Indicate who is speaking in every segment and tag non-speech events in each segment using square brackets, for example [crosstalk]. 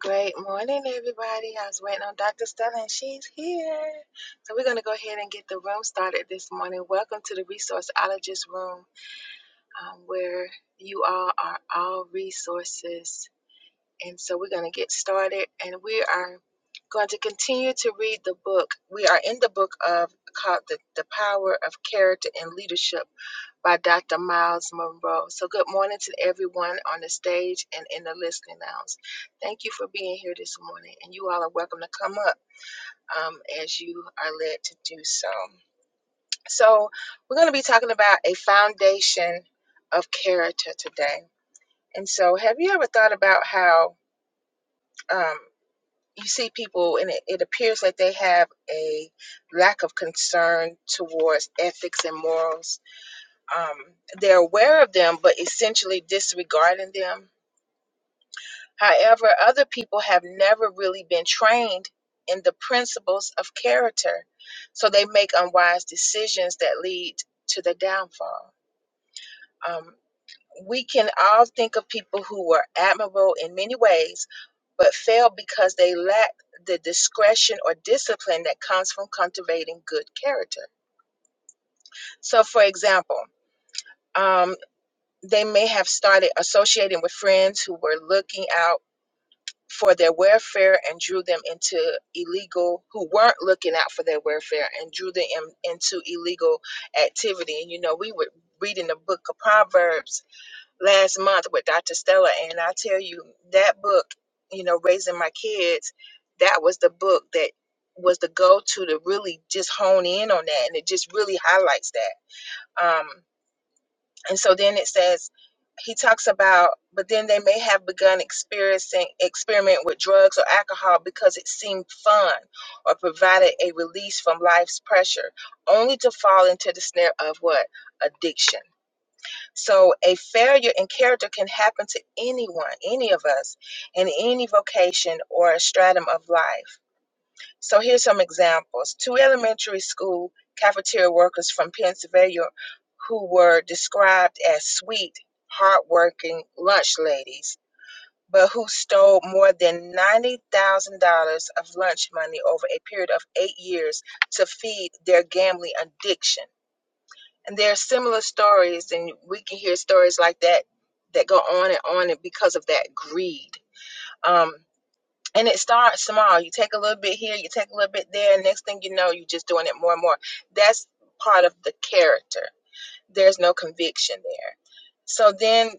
Speaker 1: Great morning, everybody. I was waiting on Dr. Stella, and she's here. So, we're going to go ahead and get the room started this morning. Welcome to the Resourceologist Room, um, where you all are all resources. And so, we're going to get started, and we are going to continue to read the book. We are in the book of called the, the Power of Character and Leadership by Dr. Miles Monroe. So, good morning to everyone on the stage and in the listening lounge. Thank you for being here this morning, and you all are welcome to come up um, as you are led to do so. So, we're going to be talking about a foundation of character today. And so, have you ever thought about how um, you see people and it, it appears that they have a lack of concern towards ethics and morals? um, they're aware of them, but essentially disregarding them. However, other people have never really been trained in the principles of character, so they make unwise decisions that lead to the downfall. Um, we can all think of people who were admirable in many ways, but failed because they lacked the discretion or discipline that comes from cultivating good character. So, for example, um, they may have started associating with friends who were looking out for their welfare and drew them into illegal who weren't looking out for their welfare and drew them in- into illegal activity and you know we were reading the book of proverbs last month with dr stella and i tell you that book you know raising my kids that was the book that was the go-to to really just hone in on that and it just really highlights that Um. And so then it says, he talks about, but then they may have begun experiencing experiment with drugs or alcohol because it seemed fun or provided a release from life's pressure, only to fall into the snare of what? Addiction. So a failure in character can happen to anyone, any of us, in any vocation or stratum of life. So here's some examples. Two elementary school cafeteria workers from Pennsylvania who were described as sweet, hardworking lunch ladies, but who stole more than $90,000 of lunch money over a period of eight years to feed their gambling addiction. And there are similar stories, and we can hear stories like that that go on and on and because of that greed. Um, and it starts small. You take a little bit here, you take a little bit there, and next thing you know, you're just doing it more and more. That's part of the character. There's no conviction there. So then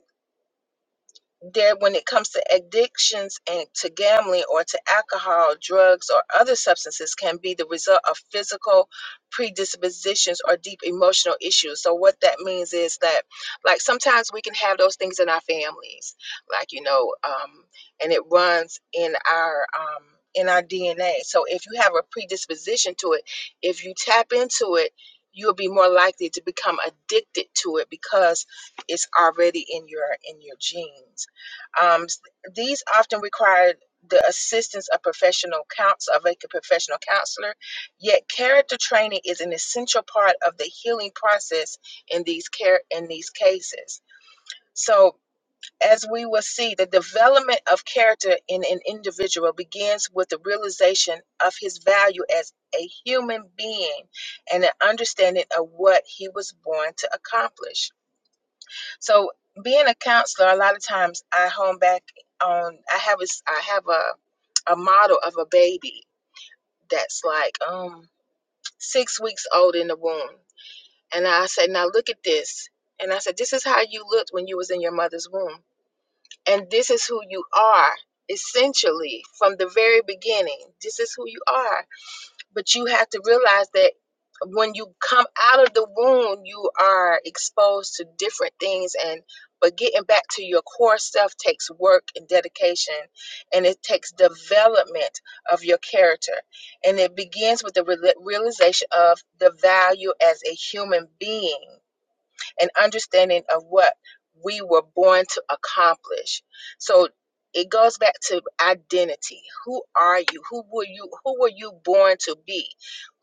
Speaker 1: there when it comes to addictions and to gambling or to alcohol drugs or other substances can be the result of physical predispositions or deep emotional issues so what that means is that like sometimes we can have those things in our families like you know um, and it runs in our um, in our dna so if you have a predisposition to it if you tap into it you'll be more likely to become addicted to it because it's already in your in your genes um, these often require the assistance of professional counsel of a professional counselor. Yet, character training is an essential part of the healing process in these care in these cases. So, as we will see, the development of character in an individual begins with the realization of his value as a human being and an understanding of what he was born to accomplish. So being a counselor, a lot of times I home back on I have a I have a a model of a baby that's like um six weeks old in the womb. And I said, now look at this. And I said, this is how you looked when you was in your mother's womb. And this is who you are essentially from the very beginning. This is who you are. But you have to realize that when you come out of the womb, you are exposed to different things and but getting back to your core self takes work and dedication and it takes development of your character and it begins with the reala- realization of the value as a human being an understanding of what we were born to accomplish. So it goes back to identity. Who are you? Who were you? Who were you born to be?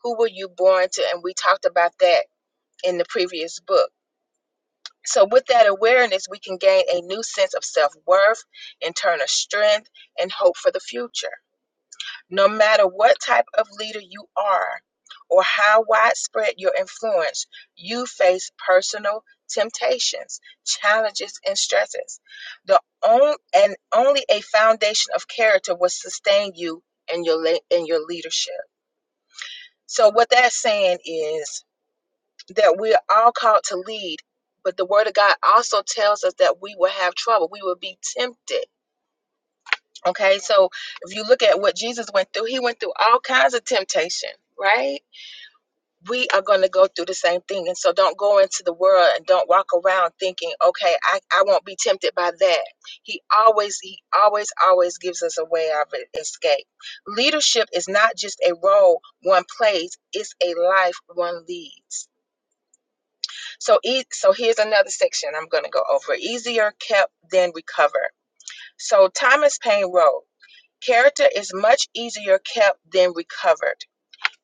Speaker 1: Who were you born to? And we talked about that in the previous book. So with that awareness, we can gain a new sense of self-worth, internal strength, and hope for the future. No matter what type of leader you are or how widespread your influence, you face personal temptations, challenges, and stresses. The only, and only a foundation of character will sustain you in your le- in your leadership. So what that's saying is that we're all called to lead, but the word of God also tells us that we will have trouble. We will be tempted Okay, so if you look at what Jesus went through, he went through all kinds of temptation, right? We are going to go through the same thing. And so don't go into the world and don't walk around thinking, okay, I, I won't be tempted by that. He always, he always, always gives us a way of e- escape. Leadership is not just a role one plays, it's a life one leads. So, e- so here's another section I'm going to go over easier kept than recovered. So Thomas Paine wrote, Character is much easier kept than recovered.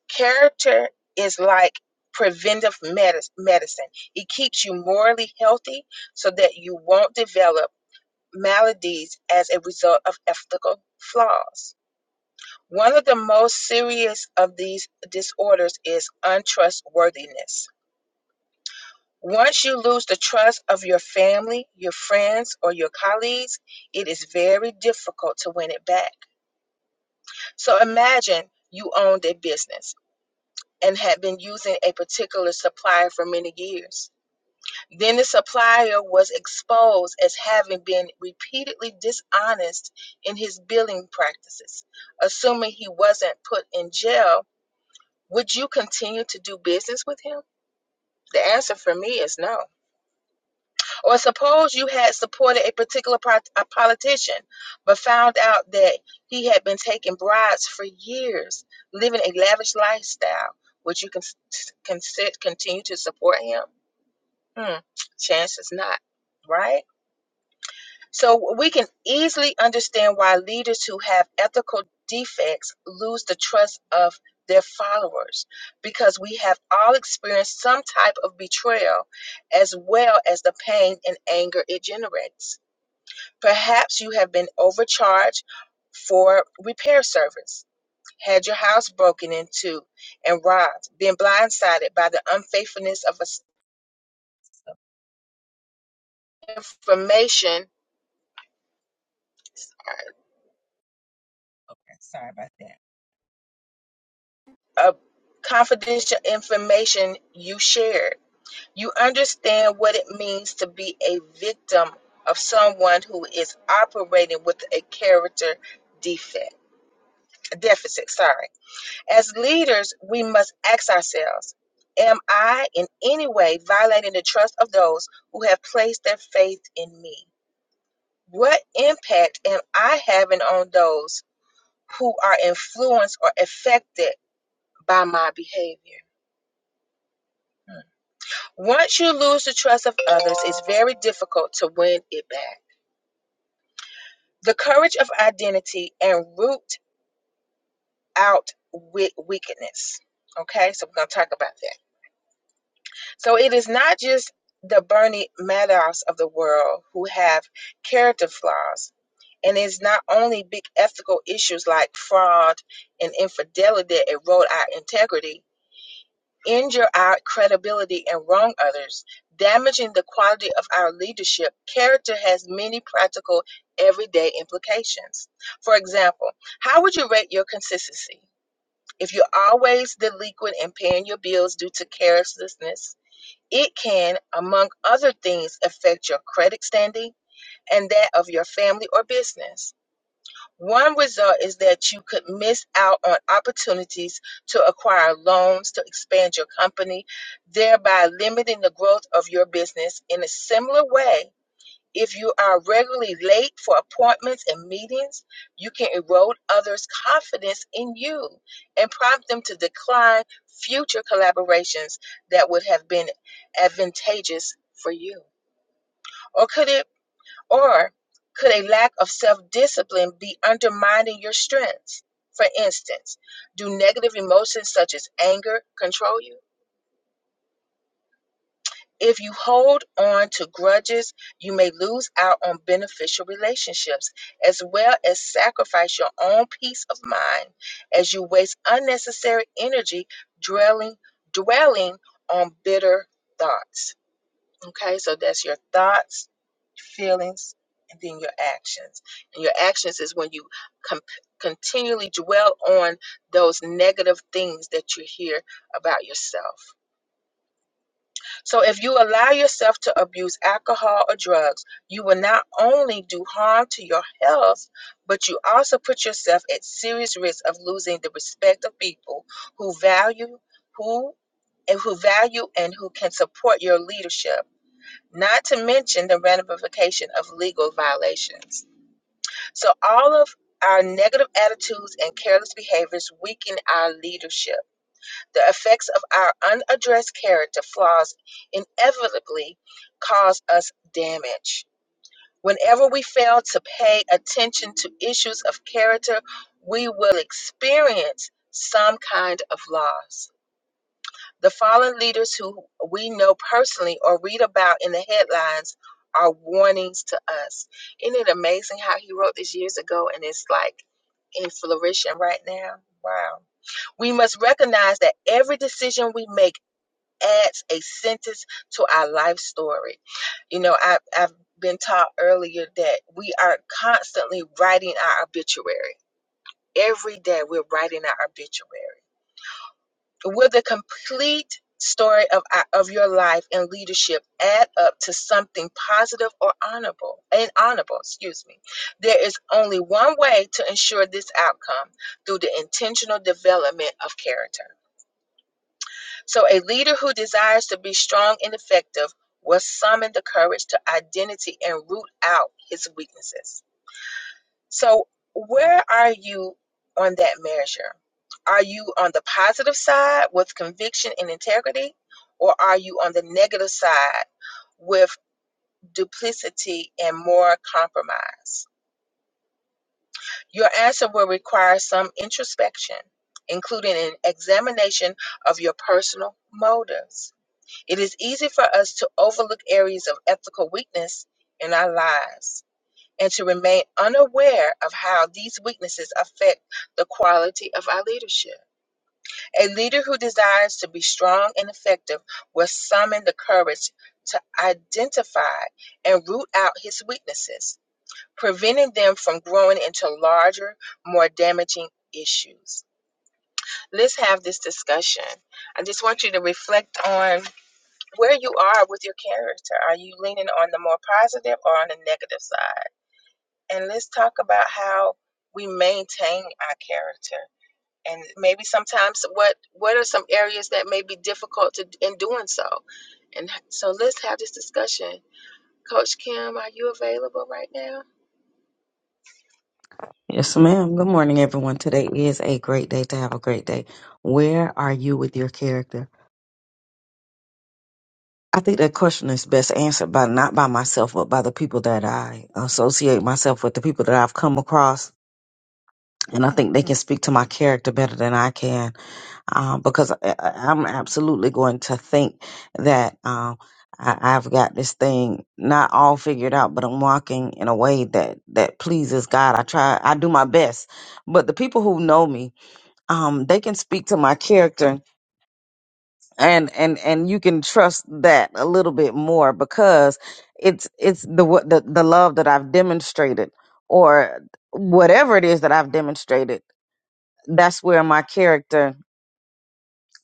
Speaker 1: Character is like preventive medis- medicine, it keeps you morally healthy so that you won't develop maladies as a result of ethical flaws. One of the most serious of these disorders is untrustworthiness. Once you lose the trust of your family, your friends, or your colleagues, it is very difficult to win it back. So imagine you owned a business. and had been using a particular supplier for many years. Then the supplier was exposed as having been repeatedly dishonest in his billing practices. Assuming he wasn't put in jail, would you continue to do business with him? The answer for me is no. Or suppose you had supported a particular pro- a politician, but found out that he had been taking bribes for years, living a lavish lifestyle. Would you con- con- continue to support him? Hmm, chances not, right? So we can easily understand why leaders who have ethical defects lose the trust of their followers because we have all experienced some type of betrayal as well as the pain and anger it generates. Perhaps you have been overcharged for repair service, had your house broken into and robbed, been blindsided by the unfaithfulness of a information Okay, Sorry about that. uh, confidential information you shared. You understand what it means to be a victim of someone who is operating with a character defect, deficit, sorry. As leaders, we must ask ourselves, am I in any way violating the trust of those who have placed their faith in me? What impact am I having on those who are influenced or affected by my behavior? Once you lose the trust of others, it's very difficult to win it back. The courage of identity and root out with weakness. Okay, so we're going to talk about that. So it is not just the Bernie Madoffs of the world who have character flaws. And it's not only big ethical issues like fraud and infidelity that erode our integrity, injure our credibility and wrong others, damaging the quality of our leadership, character has many practical, everyday implications. For example, how would you rate your consistency? If you're always delinquent and paying your bills due to carelessness, it can, among other things, affect your credit standing and that of your family or business. One result is that you could miss out on opportunities to acquire loans to expand your company, thereby limiting the growth of your business. In a similar way, if you are regularly late for appointments and meetings, you can erode others' confidence in you and prompt them to decline future collaborations that would have been advantageous for you. Or could it? Or could a lack of self discipline be undermining your strengths? For instance, do negative emotions such as anger control you? If you hold on to grudges, you may lose out on beneficial relationships as well as sacrifice your own peace of mind as you waste unnecessary energy dwelling, dwelling on bitter thoughts. Okay, so that's your thoughts, feelings, and then your actions. And your actions is when you com- continually dwell on those negative things that you hear about yourself. So if you allow yourself to abuse alcohol or drugs, you will not only do harm to your health, but you also put yourself at serious risk of losing the respect of people who value who and who value and who can support your leadership not to mention the ramification of legal violations. So, all of our negative attitudes and careless behaviors weaken our leadership. The effects of our unaddressed character flaws inevitably cause us damage. Whenever we fail to pay attention to issues of character, we will experience some kind of loss. The fallen leaders who we know personally or read about in the headlines are warnings to us. Isn't it amazing how he wrote this years ago and it's like in flourishing right now? Wow. We must recognize that every decision we make adds a sentence to our life story. You know, I, I've been taught earlier that we are constantly writing our obituary. Every day we're writing our obituary Will the complete story of, uh, of your life and leadership add up to something positive or honorable and honorable excuse me there is only one way to ensure this outcome through the intentional development of character so a leader who desires to be strong and effective will summon the courage to identity and root out his weaknesses so, where are you on that measure? Are you on the positive side with conviction and integrity, or are you on the negative side with duplicity and more compromise? Your answer will require some introspection, including an examination of your personal motives. It is easy for us to overlook areas of ethical weakness in our lives and to remain unaware of how these weaknesses affect the quality of our leadership. A leader who desires to be strong and effective will summon the courage to identify and root out his weaknesses, preventing them from growing into larger, more damaging issues. Let's have this discussion. I just want you to reflect on where you are with your character. Are you leaning on the more positive or on the negative side? and let's talk about how we maintain our character and maybe sometimes what what are some areas that may be difficult to in doing so and so let's have this discussion coach kim are you available right now
Speaker 2: Yes, ma'am. Good morning, everyone. Today is a great day to have a great day. Where are you with your character? I think that question is best answered by not by myself, but by the people that I associate myself with, the people that I've come across. And I think they can speak to my character better than I can um, because I, I- I'm absolutely going to think that um, I, I've got this thing not all figured out, but I'm walking in a way that, that pleases God. I try, I do my best. But the people who know me, um, they can speak to my character and and and you can trust that a little bit more because it's it's the what the, the love that I've demonstrated or whatever it is that I've demonstrated that's where my character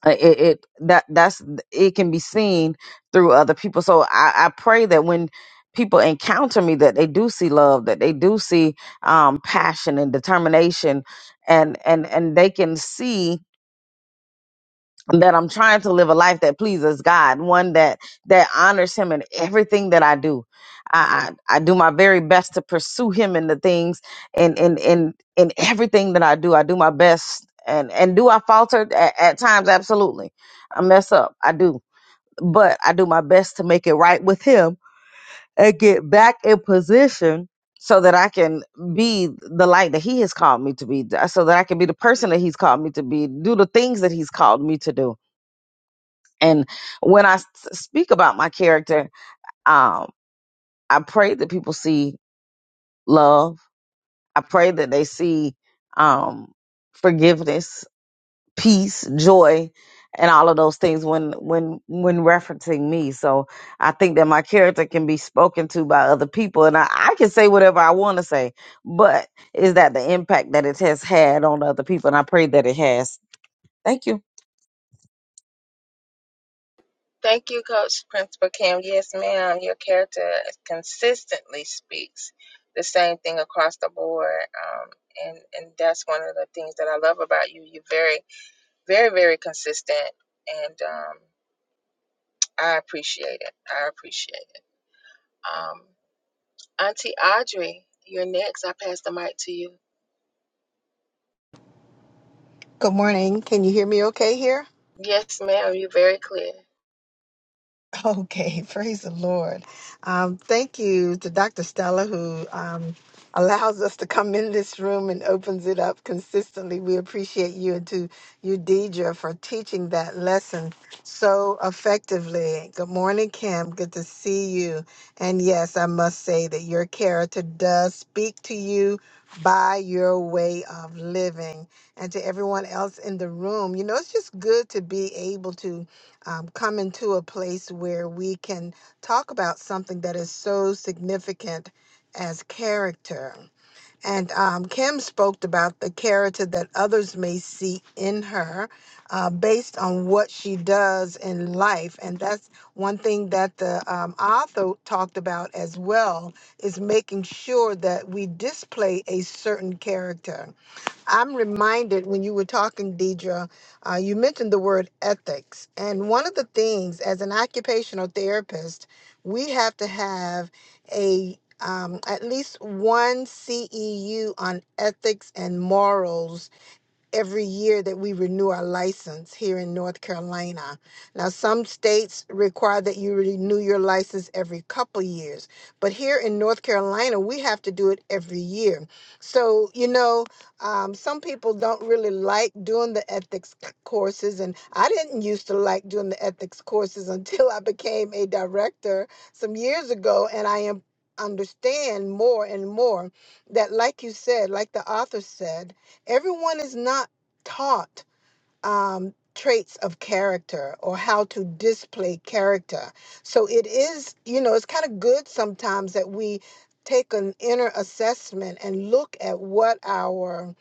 Speaker 2: uh, it, it that that's it can be seen through other people so I, I pray that when people encounter me that they do see love that they do see um, passion and determination and and and they can see that I'm trying to live a life that pleases God, one that that honors Him in everything that I do. I I, I do my very best to pursue Him in the things and in in in everything that I do. I do my best, and and do I falter at, at times? Absolutely, I mess up. I do, but I do my best to make it right with Him and get back in position. So that I can be the light that He has called me to be, so that I can be the person that He's called me to be, do the things that He's called me to do and when I s- speak about my character, um, I pray that people see love. I pray that they see um, forgiveness, peace, joy, and all of those things when when when referencing me. So I think that my character can be spoken to by other people, and I, I can say whatever I want to say. But is that the impact that it has had on other people? And I pray that it has. Thank you.
Speaker 1: thank you coach principal kim yes ma'am your character consistently speaks the same thing across the board um, and and that's one of the things that i love about you you're very very very consistent and um, i appreciate it i appreciate it Um, Auntie Audrey, you're next. I pass the mic to you.
Speaker 3: Good morning. Can you hear me okay here?
Speaker 1: Yes, ma'am. You're very clear.
Speaker 3: Okay, [laughs] praise the Lord. Um, thank you to Dr. Stella who um, allows us to come in this room and opens it up consistently. We appreciate you and to you, Deidre, for teaching that lesson so effectively. Good morning, Kim. Good to see you. And yes, I must say that your character does speak to you by your way of living. And to everyone else in the room, you know, it's just good to be able to um, come into a place where we can talk about something that is so significant as character. And um, Kim spoke about the character that others may see in her uh, based on what she does in life. And that's one thing that the um, author talked about as well is making sure that we display a certain character. I'm reminded when you were talking, Deidre, uh, you mentioned the word ethics. And one of the things, as an occupational therapist, we have to have a um, at least one CEU on ethics and morals every year that we renew our license here in North Carolina. Now, some states require that you renew your license every couple years, but here in North Carolina, we have to do it every year. So, you know, um, some people don't really like doing the ethics c- courses, and I didn't used to like doing the ethics courses [laughs] until I became a director some years ago, and I am understand more and more that like you said like the author said everyone is not taught um, traits of character or how to display character. So it is, you know, it's kind of good sometimes that we take an inner assessment and look at what our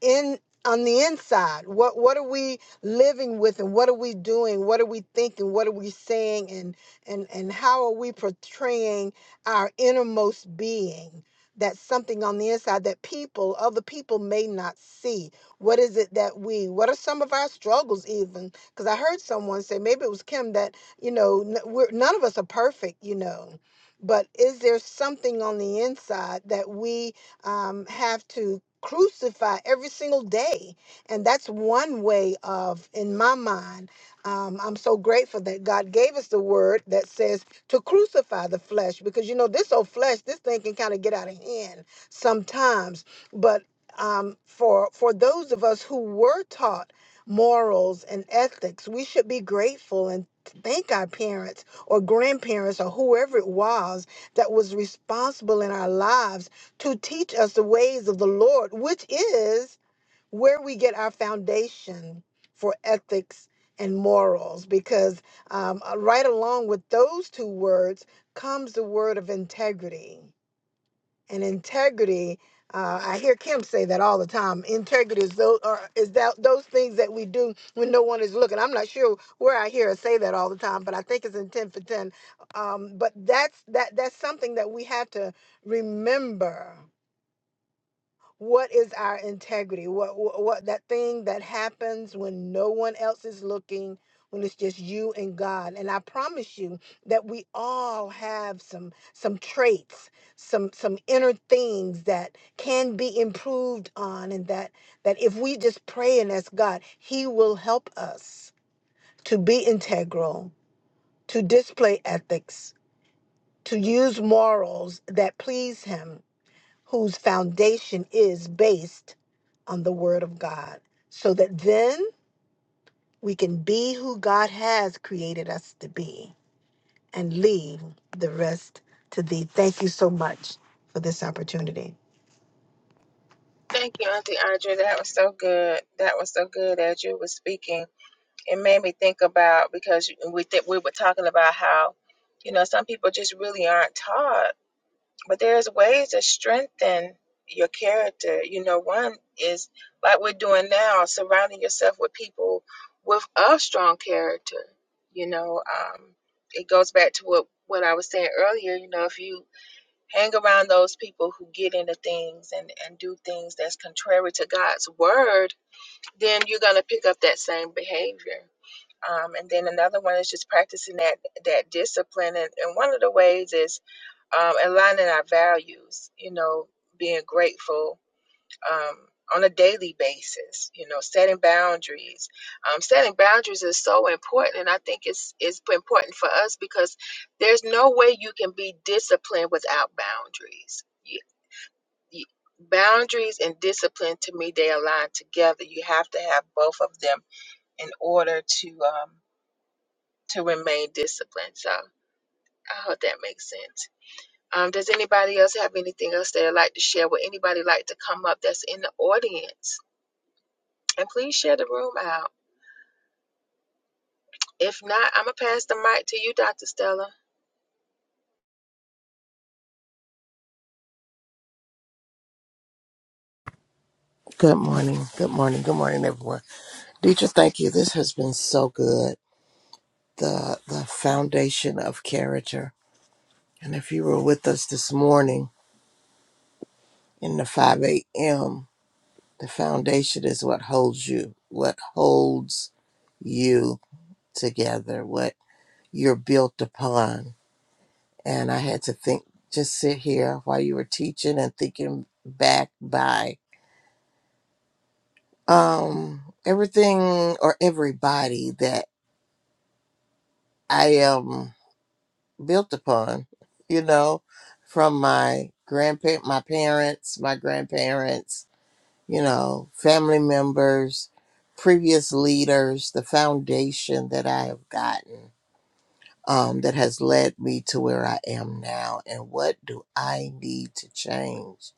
Speaker 3: in on the inside what what are we living with and what are we doing what are we thinking what are we saying and and and how are we portraying our innermost being that's something on the inside that people other people may not see what is it that we what are some of our struggles even because i heard someone say maybe it was kim that you know n- we're, none of us are perfect you know but is there something on the inside that we um, have to crucify every single day. And that's one way of, in my mind, um, I'm so grateful that God gave us the word that says to crucify the flesh because, you know, this old flesh, this thing can kind of get out of hand sometimes. But um, for for those of us who were taught morals and ethics, we should be grateful and thank our parents or grandparents or whoever it was that was responsible in our lives to teach us the ways of the Lord, which is where we get our foundation for ethics and morals. Because um, uh, right along with those two words comes the word of integrity. And integrity, uh, I hear Kim say that all the time. Integrity is those, or is that those things that we do when no one is looking. I'm not sure where I hear her say that all the time, but I think it's in 10 for 10. Um, but that's that that's something that we have to remember what is our integrity what, what what that thing that happens when no one else is looking when it's just you and god and i promise you that we all have some some traits some some inner things that can be improved on and that that if we just pray and ask god he will help us to be integral to display ethics to use morals that please him whose foundation is based on the Word of God, so that then we can be who God has created us to be and leave the rest to Thee. Thank you so much for this opportunity.
Speaker 1: Thank you, Auntie Audrey. That was so good. That was so good as you were speaking. It made me think about because you- we think we were talking about how, you know, some people just really aren't taught But there's ways to strengthen your character. You know, one is like we're doing now, surrounding yourself with people with a strong character. You know, um, it goes back to what what I was saying earlier. You know, if you hang around those people who get into things and and do things that's contrary to God's word, then you're gonna pick up that same behavior. Um, and then another one is just practicing that that discipline. And, and one of the ways is um, aligning our values, you know, being grateful um, on a daily basis, you know, setting boundaries. Um, setting boundaries is so important, and I think it's, it's important for us because there's no way you can be disciplined without boundaries. You, you, boundaries and discipline, to me, they align together. You have to have both of them in order to um, to remain disciplined. So I hope that makes sense. Um, does anybody else have anything else they'd like to share? Would anybody like to come up that's in the audience? And please share the room out. If not, I'm going to pass the mic to you, Dr. Stella.
Speaker 4: Good morning. Good morning. Good morning, everyone. Deidre, thank you. This has been so good. The the foundation of character. And if you were with us this morning in the 5 a.m., the foundation is what holds you, what holds you together, what you're built upon. And I had to think, just sit here while you were teaching and thinking back by um everything or everybody that I am. built upon, you know, from my grandpa, my parents, my grandparents, you know, family members, previous leaders, the foundation that I have gotten um, that has led me to where I am now. And what do I need to change?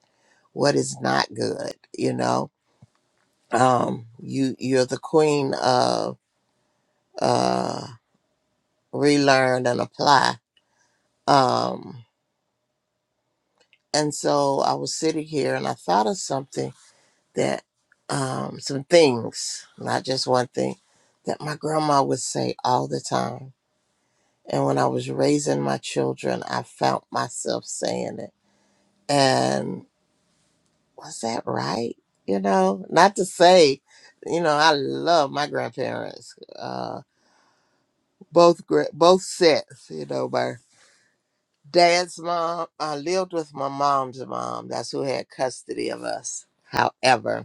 Speaker 4: What is not good? You know, um, you you're the queen of uh, relearn and apply. Um, And so I was sitting here and I thought of something that, um, some things, not just one thing, that my grandma would say all the time. And when I was raising my children, I found myself saying it. And was that right? You know, not to say, you know, I love my grandparents, uh, both gra- both sets. You know, my dad's mom. I lived with my mom's mom. That's who had custody of us. However,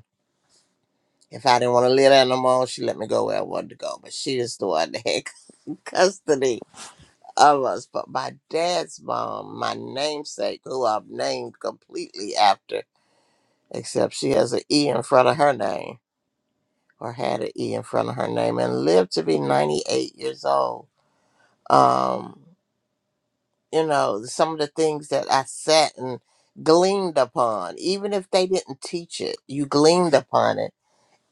Speaker 4: If I didn't want to live there no more, she let me go where I wanted to go. But she is the one that had [laughs] custody of us. But my dad's mom, my namesake, who I've named completely after, except she has an E in front of her name, or had an E in front of her name, and lived to be 98 years old. Um, you know, some of the things that I sat and gleaned upon, even if they didn't teach it, you gleaned upon it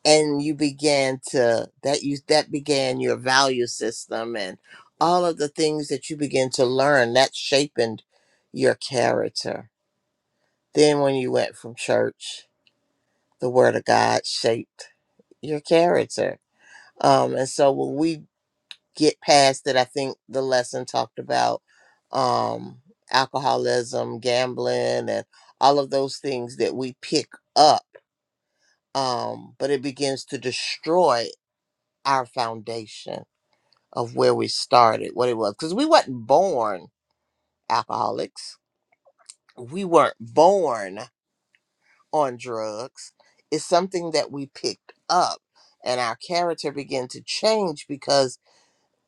Speaker 4: and you began to that you that began your value system and all of the things that you began to learn that shaped your character then when you went from church the word of god shaped your character um and so when we get past it i think the lesson talked about um alcoholism gambling and all of those things that we pick up um but it begins to destroy our foundation of where we started, what it was, because we wasn't born alcoholics. We weren't born on drugs. It's something that we picked up, and our character began to change because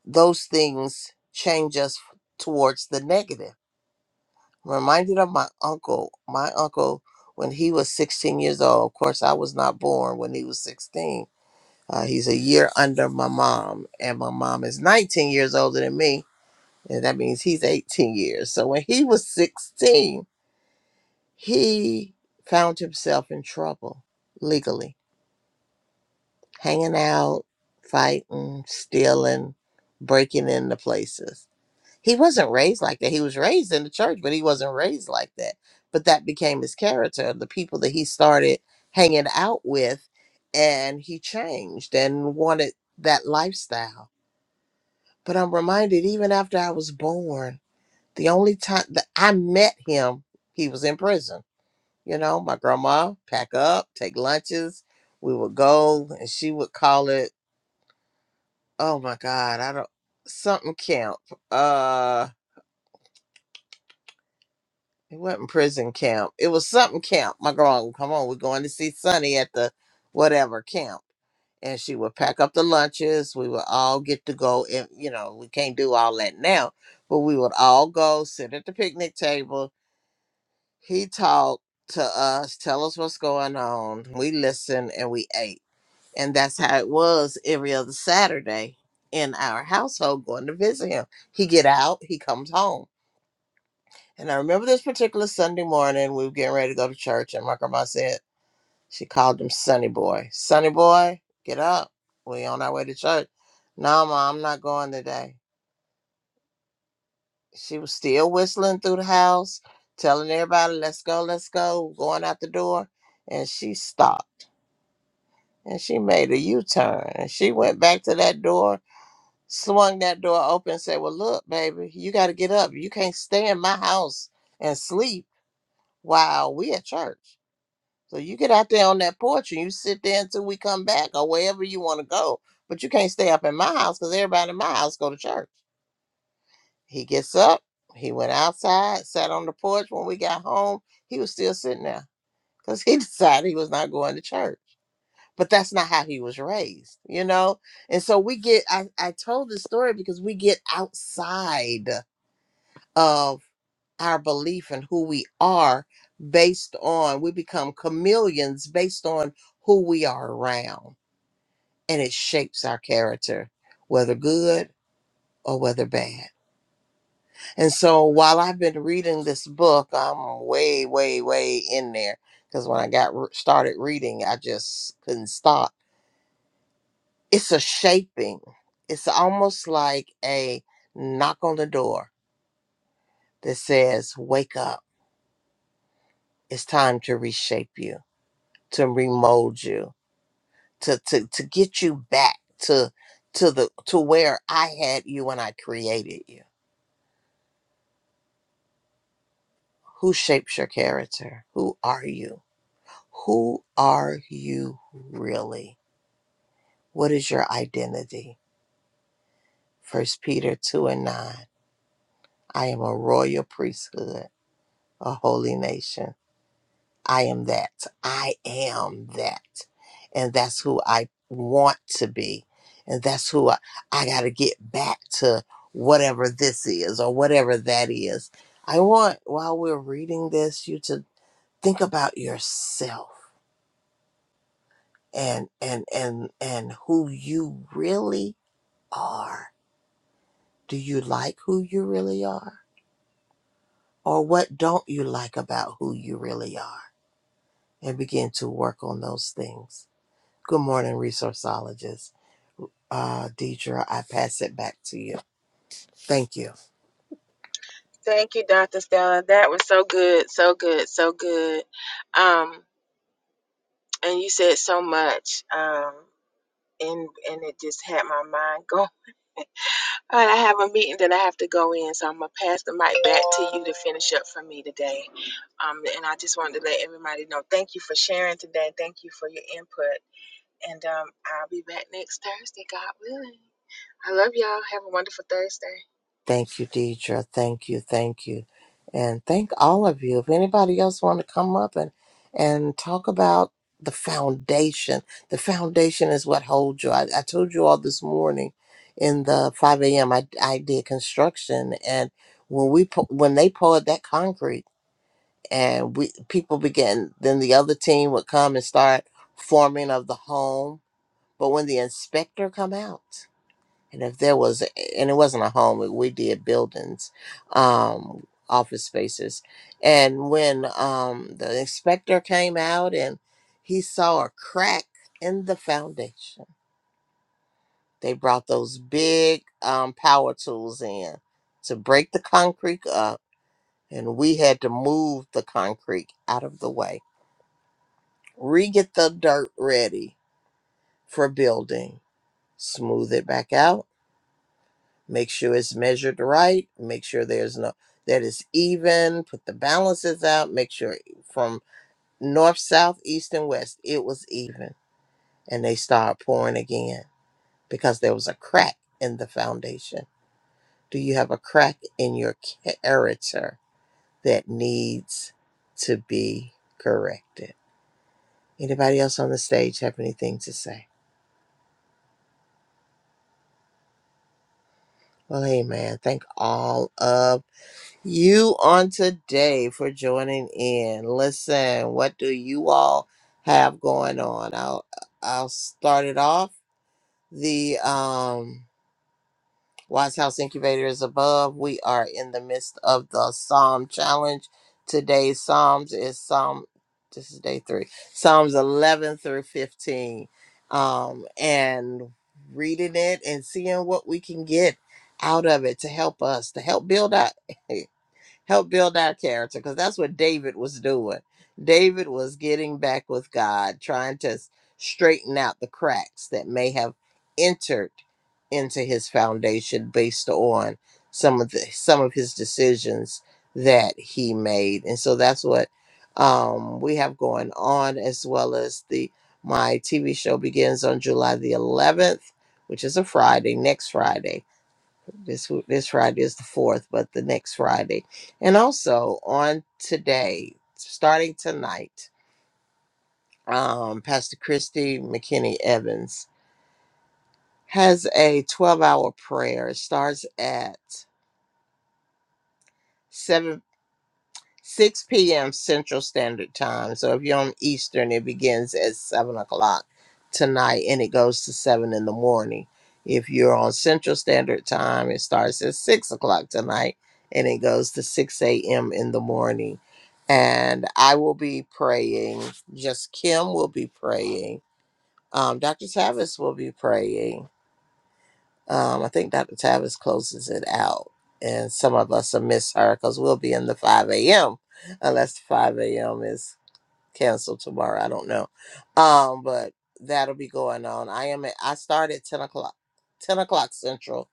Speaker 4: those things change us towards the negative. I'm reminded of my uncle. My uncle, when he was 16 years old, of course, I was not born when he was 16. Uh, he's a year under my mom, and my mom is 19 years older than me And that means he's 18 years. So when he was 16, he found himself in trouble legally, hanging out, fighting, stealing, breaking into places. He wasn't raised like that. He was raised in the church, but he wasn't raised like that. But that became his character. The people that he started hanging out with, and he changed and wanted that lifestyle. But I'm reminded, even after I was born, The only time that I met him, he was in prison. You know, my grandma pack up, take lunches. We would go, and she would call it. Oh my God, I don't something camp. Uh, it wasn't prison camp. It was something camp. My grandma, would, come on, we're going to see Sonny at the whatever camp, and she would pack up the lunches. We would all get to go. And you know, we can't do all that now, but we would all go sit at the picnic table He talked to us, tell us what's going on. We listened and we ate. And that's how it was every other Saturday in our household going to visit him. He get out, he comes home. And I remember this particular Sunday morning, we were getting ready to go to church, and my grandma said, she called him Sonny Boy. Sonny Boy, get up. We on our way to church. No, ma, I'm not going today. she was still whistling through the house, telling everybody, let's go, let's go, going out the door. And she stopped and she made a U turn and she went back to that door, swung that door open, and said, Well, look, baby, you got to get up. You can't stay in my house and sleep while we at church. So you get out there on that porch and you sit there until we come back or wherever you want to go. But you can't stay up in my house because everybody in my house go to church. He gets up. He went outside, sat on the porch. When we got home, he was still sitting there because he [laughs] decided he was not going to church. But that's not how he was raised, you know? And so we get, I, I told this story because we get outside of our belief in who we are based on, we become chameleons based on who we are around. And it shapes our character, whether good or whether bad. And so while I've been reading this book, I'm way, way, way in there because when I got re- started reading, I just couldn't stop. It's a shaping. It's almost like a knock on the door that says, "Wake up! It's time to reshape you, to remold you, to to to get you back to to the to where I had you when I created you." Who shapes your character? Who are you? Who are you really? What is your identity? First Peter 2 and 9. I am a royal priesthood, a holy nation. I am that. I am that. And that's who I want to be. And that's who I, I got to get back to whatever this is or whatever that is. I want, while we're reading this, you to think about yourself and and and and who you really are. Do you like who you really are? Or what don't you like about who you really are? And begin to work on those things. Good morning, resourceologist. Uh, Deidre, I pass it back to you. Thank you.
Speaker 1: Thank you, Dr. Stella. That was so good, so good, so good. Um, and you said so much. Um, and and it just had my mind [laughs] go. All right, I have a meeting that I have to go in, so I'm gonna pass the mic back to you to finish up for me today. Um, and I just wanted to let everybody know. Thank you for sharing today. Thank you for your input. And um, I'll be back next Thursday, God willing. I love y'all. Have a wonderful Thursday.
Speaker 4: Thank you, Deidre. Thank you. Thank you. And thank all of you. If anybody else want to come up and, and talk about the foundation, the foundation is what holds you. I, I told you all this morning in the 5 a.m. I, I did construction and when we, pou- when they poured that concrete, and we people began then the other team would come and start forming of the home but when the inspector come out and if there was and it wasn't a home we did buildings um office spaces and when um the inspector came out and he saw a crack in the foundation they brought those big um, power tools in to break the concrete up and we had to move the concrete out of the way re-get the dirt ready for building smooth it back out make sure it's measured right make sure there's no that is even put the balances out make sure from north south east and west it was even and they start pouring again because there was a crack in the foundation do you have a crack in your character that needs to be corrected anybody else on the stage have anything to say Well, hey, man! Thank all of you on today for joining in. Listen, what do you all have going on? I'll I'll start it off. The um Wise House Incubator is above. We are in the midst of the Psalm Challenge. Today's Psalms is Psalm, this is day three, Psalms 11 through 15. Um, and reading it and seeing what we can get out of it to help us, to help build up. [laughs] help build our character because that's what David was doing. David was getting back with God, trying to s- straighten out the cracks that may have entered into his foundation based on some of the some of his decisions that he made. And so that's what um, we have going on as well as the my TV show begins on July the 11th, which is a Friday, next Friday. This this Friday is the fourth, but the next Friday, and also on today, starting tonight, um, Pastor Christy McKinney Evans has a twelve-hour prayer. It starts at seven. 6 p.m. Central Standard Time. So if you're on Eastern, it begins at 7 o'clock tonight and it goes to 7 in the morning. If you're on Central Standard Time, it starts at 6 o'clock tonight and it goes to 6 a.m. in the morning. And I will be praying, just Kim will be praying. Um, Dr. Tavis will be praying. Um, I think Dr. Tavis closes it out, and some of us will miss her because we'll be in the 5 a.m. unless the 5 a.m. is canceled tomorrow. I don't know, um, but that'll be going on. I am. At, I start at 10 o'clock, 10 o'clock Central,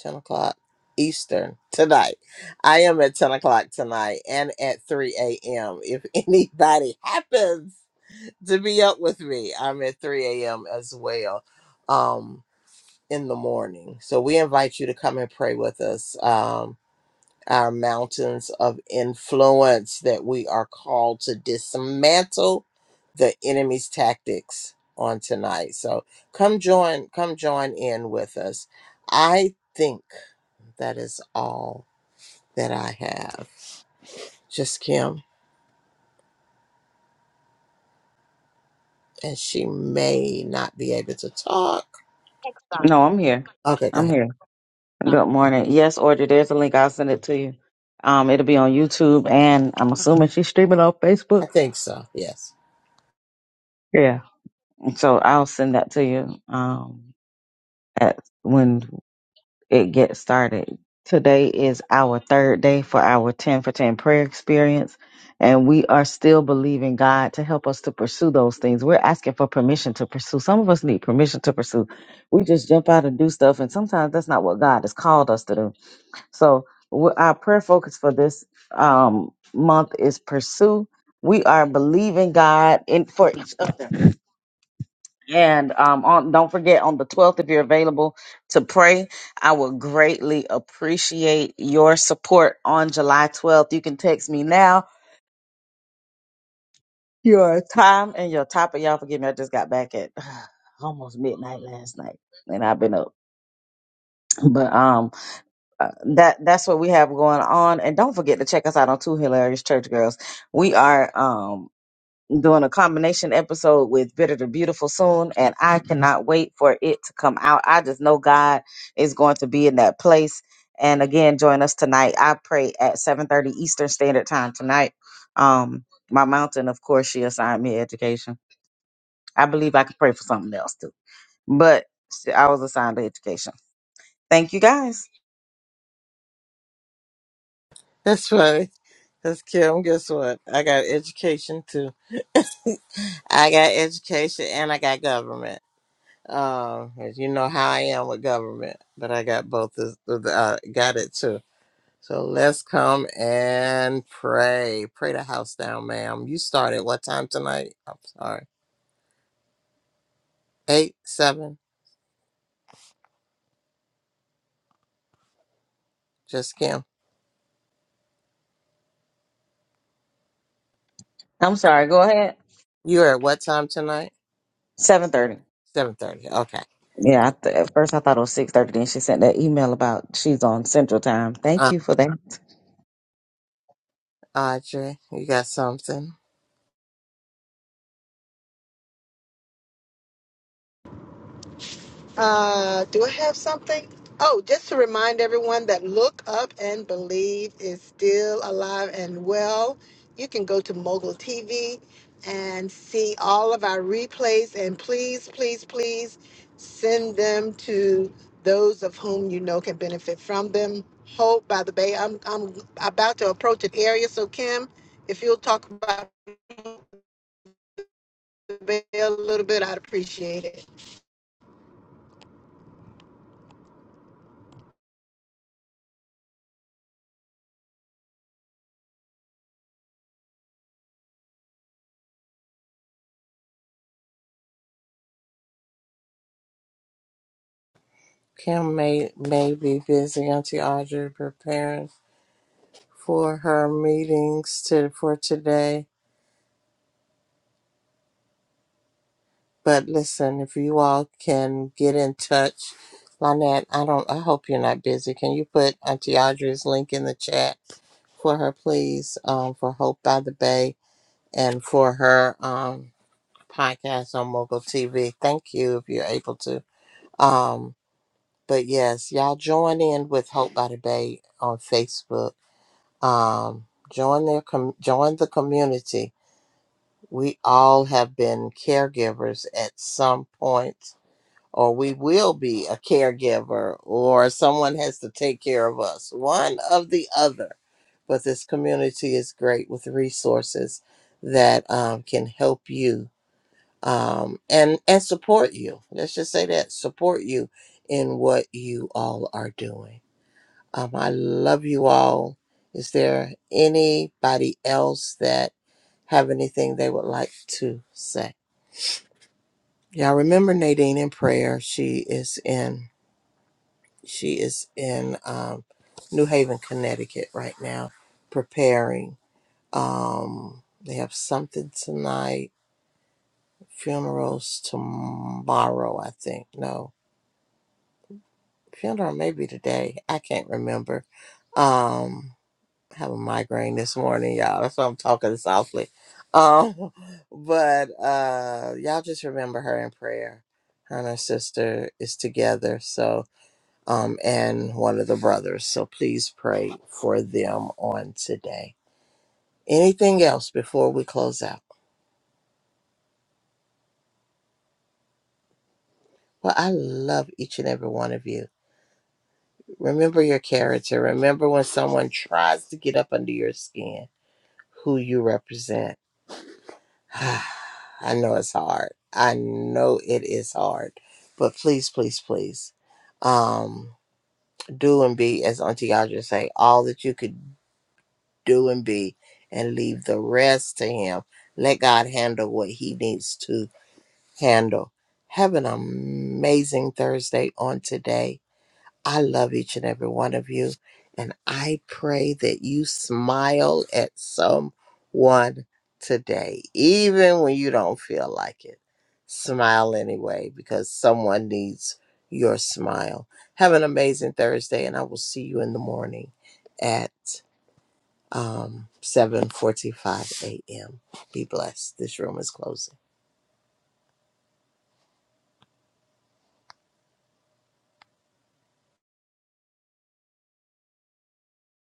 Speaker 4: 10 o'clock Eastern tonight. I am at 10 o'clock tonight and at 3 a.m. If anybody [laughs] happens to be up with me, I'm at 3 a.m. as well. Um, in the morning. So we invite you to come and pray with us. Um, our mountains of influence that we are called to dismantle the enemy's tactics on tonight. So come join, come join in with us. I think that is all that I have. Just Kim, and she may not be able to talk.
Speaker 2: No, I'm here.
Speaker 4: Okay, go
Speaker 2: I'm
Speaker 4: ahead.
Speaker 2: here. Good morning. Yes, Audrey, there's a link. I'll send it to you. Um, it'll be on YouTube and I'm assuming she's streaming on Facebook.
Speaker 4: I think so. Yes,
Speaker 2: Yeah. So I'll send that to you um at when it gets started. Today is our third day for our 10 for 10 prayer experience. And we are still believing God to help us to pursue those things. We're asking for permission to pursue. Some of us need permission to pursue. We just jump out and do stuff. And sometimes that's not what God has called us to do So wh- our prayer focus for this um, month is pursue. We are believing God in for each other. And um, on, don't forget, on the 12th, if you're available to pray, I would greatly appreciate your support on July 12th. You can text me now your time and your topic. Y'all forgive me, I just got back at [sighs] almost midnight last night and I've been up. But um, uh, that that's what we have going on. And don't forget to check us out on Two Hilarious Church Girls. We are um doing a combination episode with Bitter to Beautiful soon, and I cannot wait for it to come out. I just know God is going to be in that place. And again, join us tonight. I pray at seven thirty Eastern Standard Time tonight. Um, my mountain, of course, she assigned me education. I believe I could pray for something else too, but I was assigned to education. Thank you guys.
Speaker 4: that's funny. That's Kim. Guess what? I got education too. I got education and I got government. Um, as you know how I am with government, but I got both. Of, of the- uh, got it too. So let's come and pray. Pray the house down, ma'am. You started what time tonight? I'm sorry. Eight, seven. Just Kim.
Speaker 2: I'm sorry. Go ahead.
Speaker 4: You are at what time tonight?
Speaker 2: Seven thirty.
Speaker 4: Seven thirty. Okay.
Speaker 2: Yeah, I th- at first I thought it was six thirty. Then she sent that email about she's on Central Time. Thank
Speaker 4: Uh,
Speaker 2: you for that.
Speaker 4: Audrey, you got something?
Speaker 3: Uh, do I have something? Oh, just to remind everyone that Look Up and Believe is still alive and well. You can go to Mogul TV and see all of our replays. And please, please, please send them to those of whom you know can benefit from them. Hope by the Bay. I'm I'm about to approach an area, so Kim, if you'll talk about the Bay a little bit, I'd appreciate it.
Speaker 4: Kim may may be busy. Auntie Audrey preparing for her meetings to for today. But listen, if you all can get in touch, Lynette, I don't. I hope you're not busy. Can you put Auntie Audrey's link in the chat for her, please? Um, for Hope by the Bay and for her um podcast on Mogul TV. Thank you if you're able to. Um, but yes, y'all join in with Hope by the Bay on Facebook. Um, join their com- join the community. We all have been caregivers at some point or we will be a caregiver, or someone has to take care of us, one of the other. But this community is great with resources that um, can help you um, and and support you. Let's just say that support you in what you all are doing. Um, I love you all. Is there anybody else that have anything they would like to say? Y'all remember Nadine in prayer. She is in. She is in um, New Haven, Connecticut right now, preparing. Um, they have something tonight, funerals tomorrow, I think. No, funeral maybe today. I can't remember. Um, I have a migraine this morning, y'all. That's why I'm talking softly. Um, but uh, y'all just remember her in prayer. Her and her sister is together, so um, and one of the brothers. So please pray for them on today. Anything else before we close out? Well, I love each and every one of you. Remember your character. Remember when someone tries to get up under your skin, who you represent. [sighs] I know it's hard. I know it is hard. But please, please, please. Um, do and be, as Auntie Audrey say, all that you could do and be and leave the rest to him. Let God handle what he needs to handle. Have an amazing Thursday on today. I love each and every one of you. And I pray that you smile at someone today, even when you don't feel like it. Smile anyway, because someone needs your smile. Have an amazing Thursday, and I will see you in the morning at um, 7.45 a.m. Be blessed. This room is closing.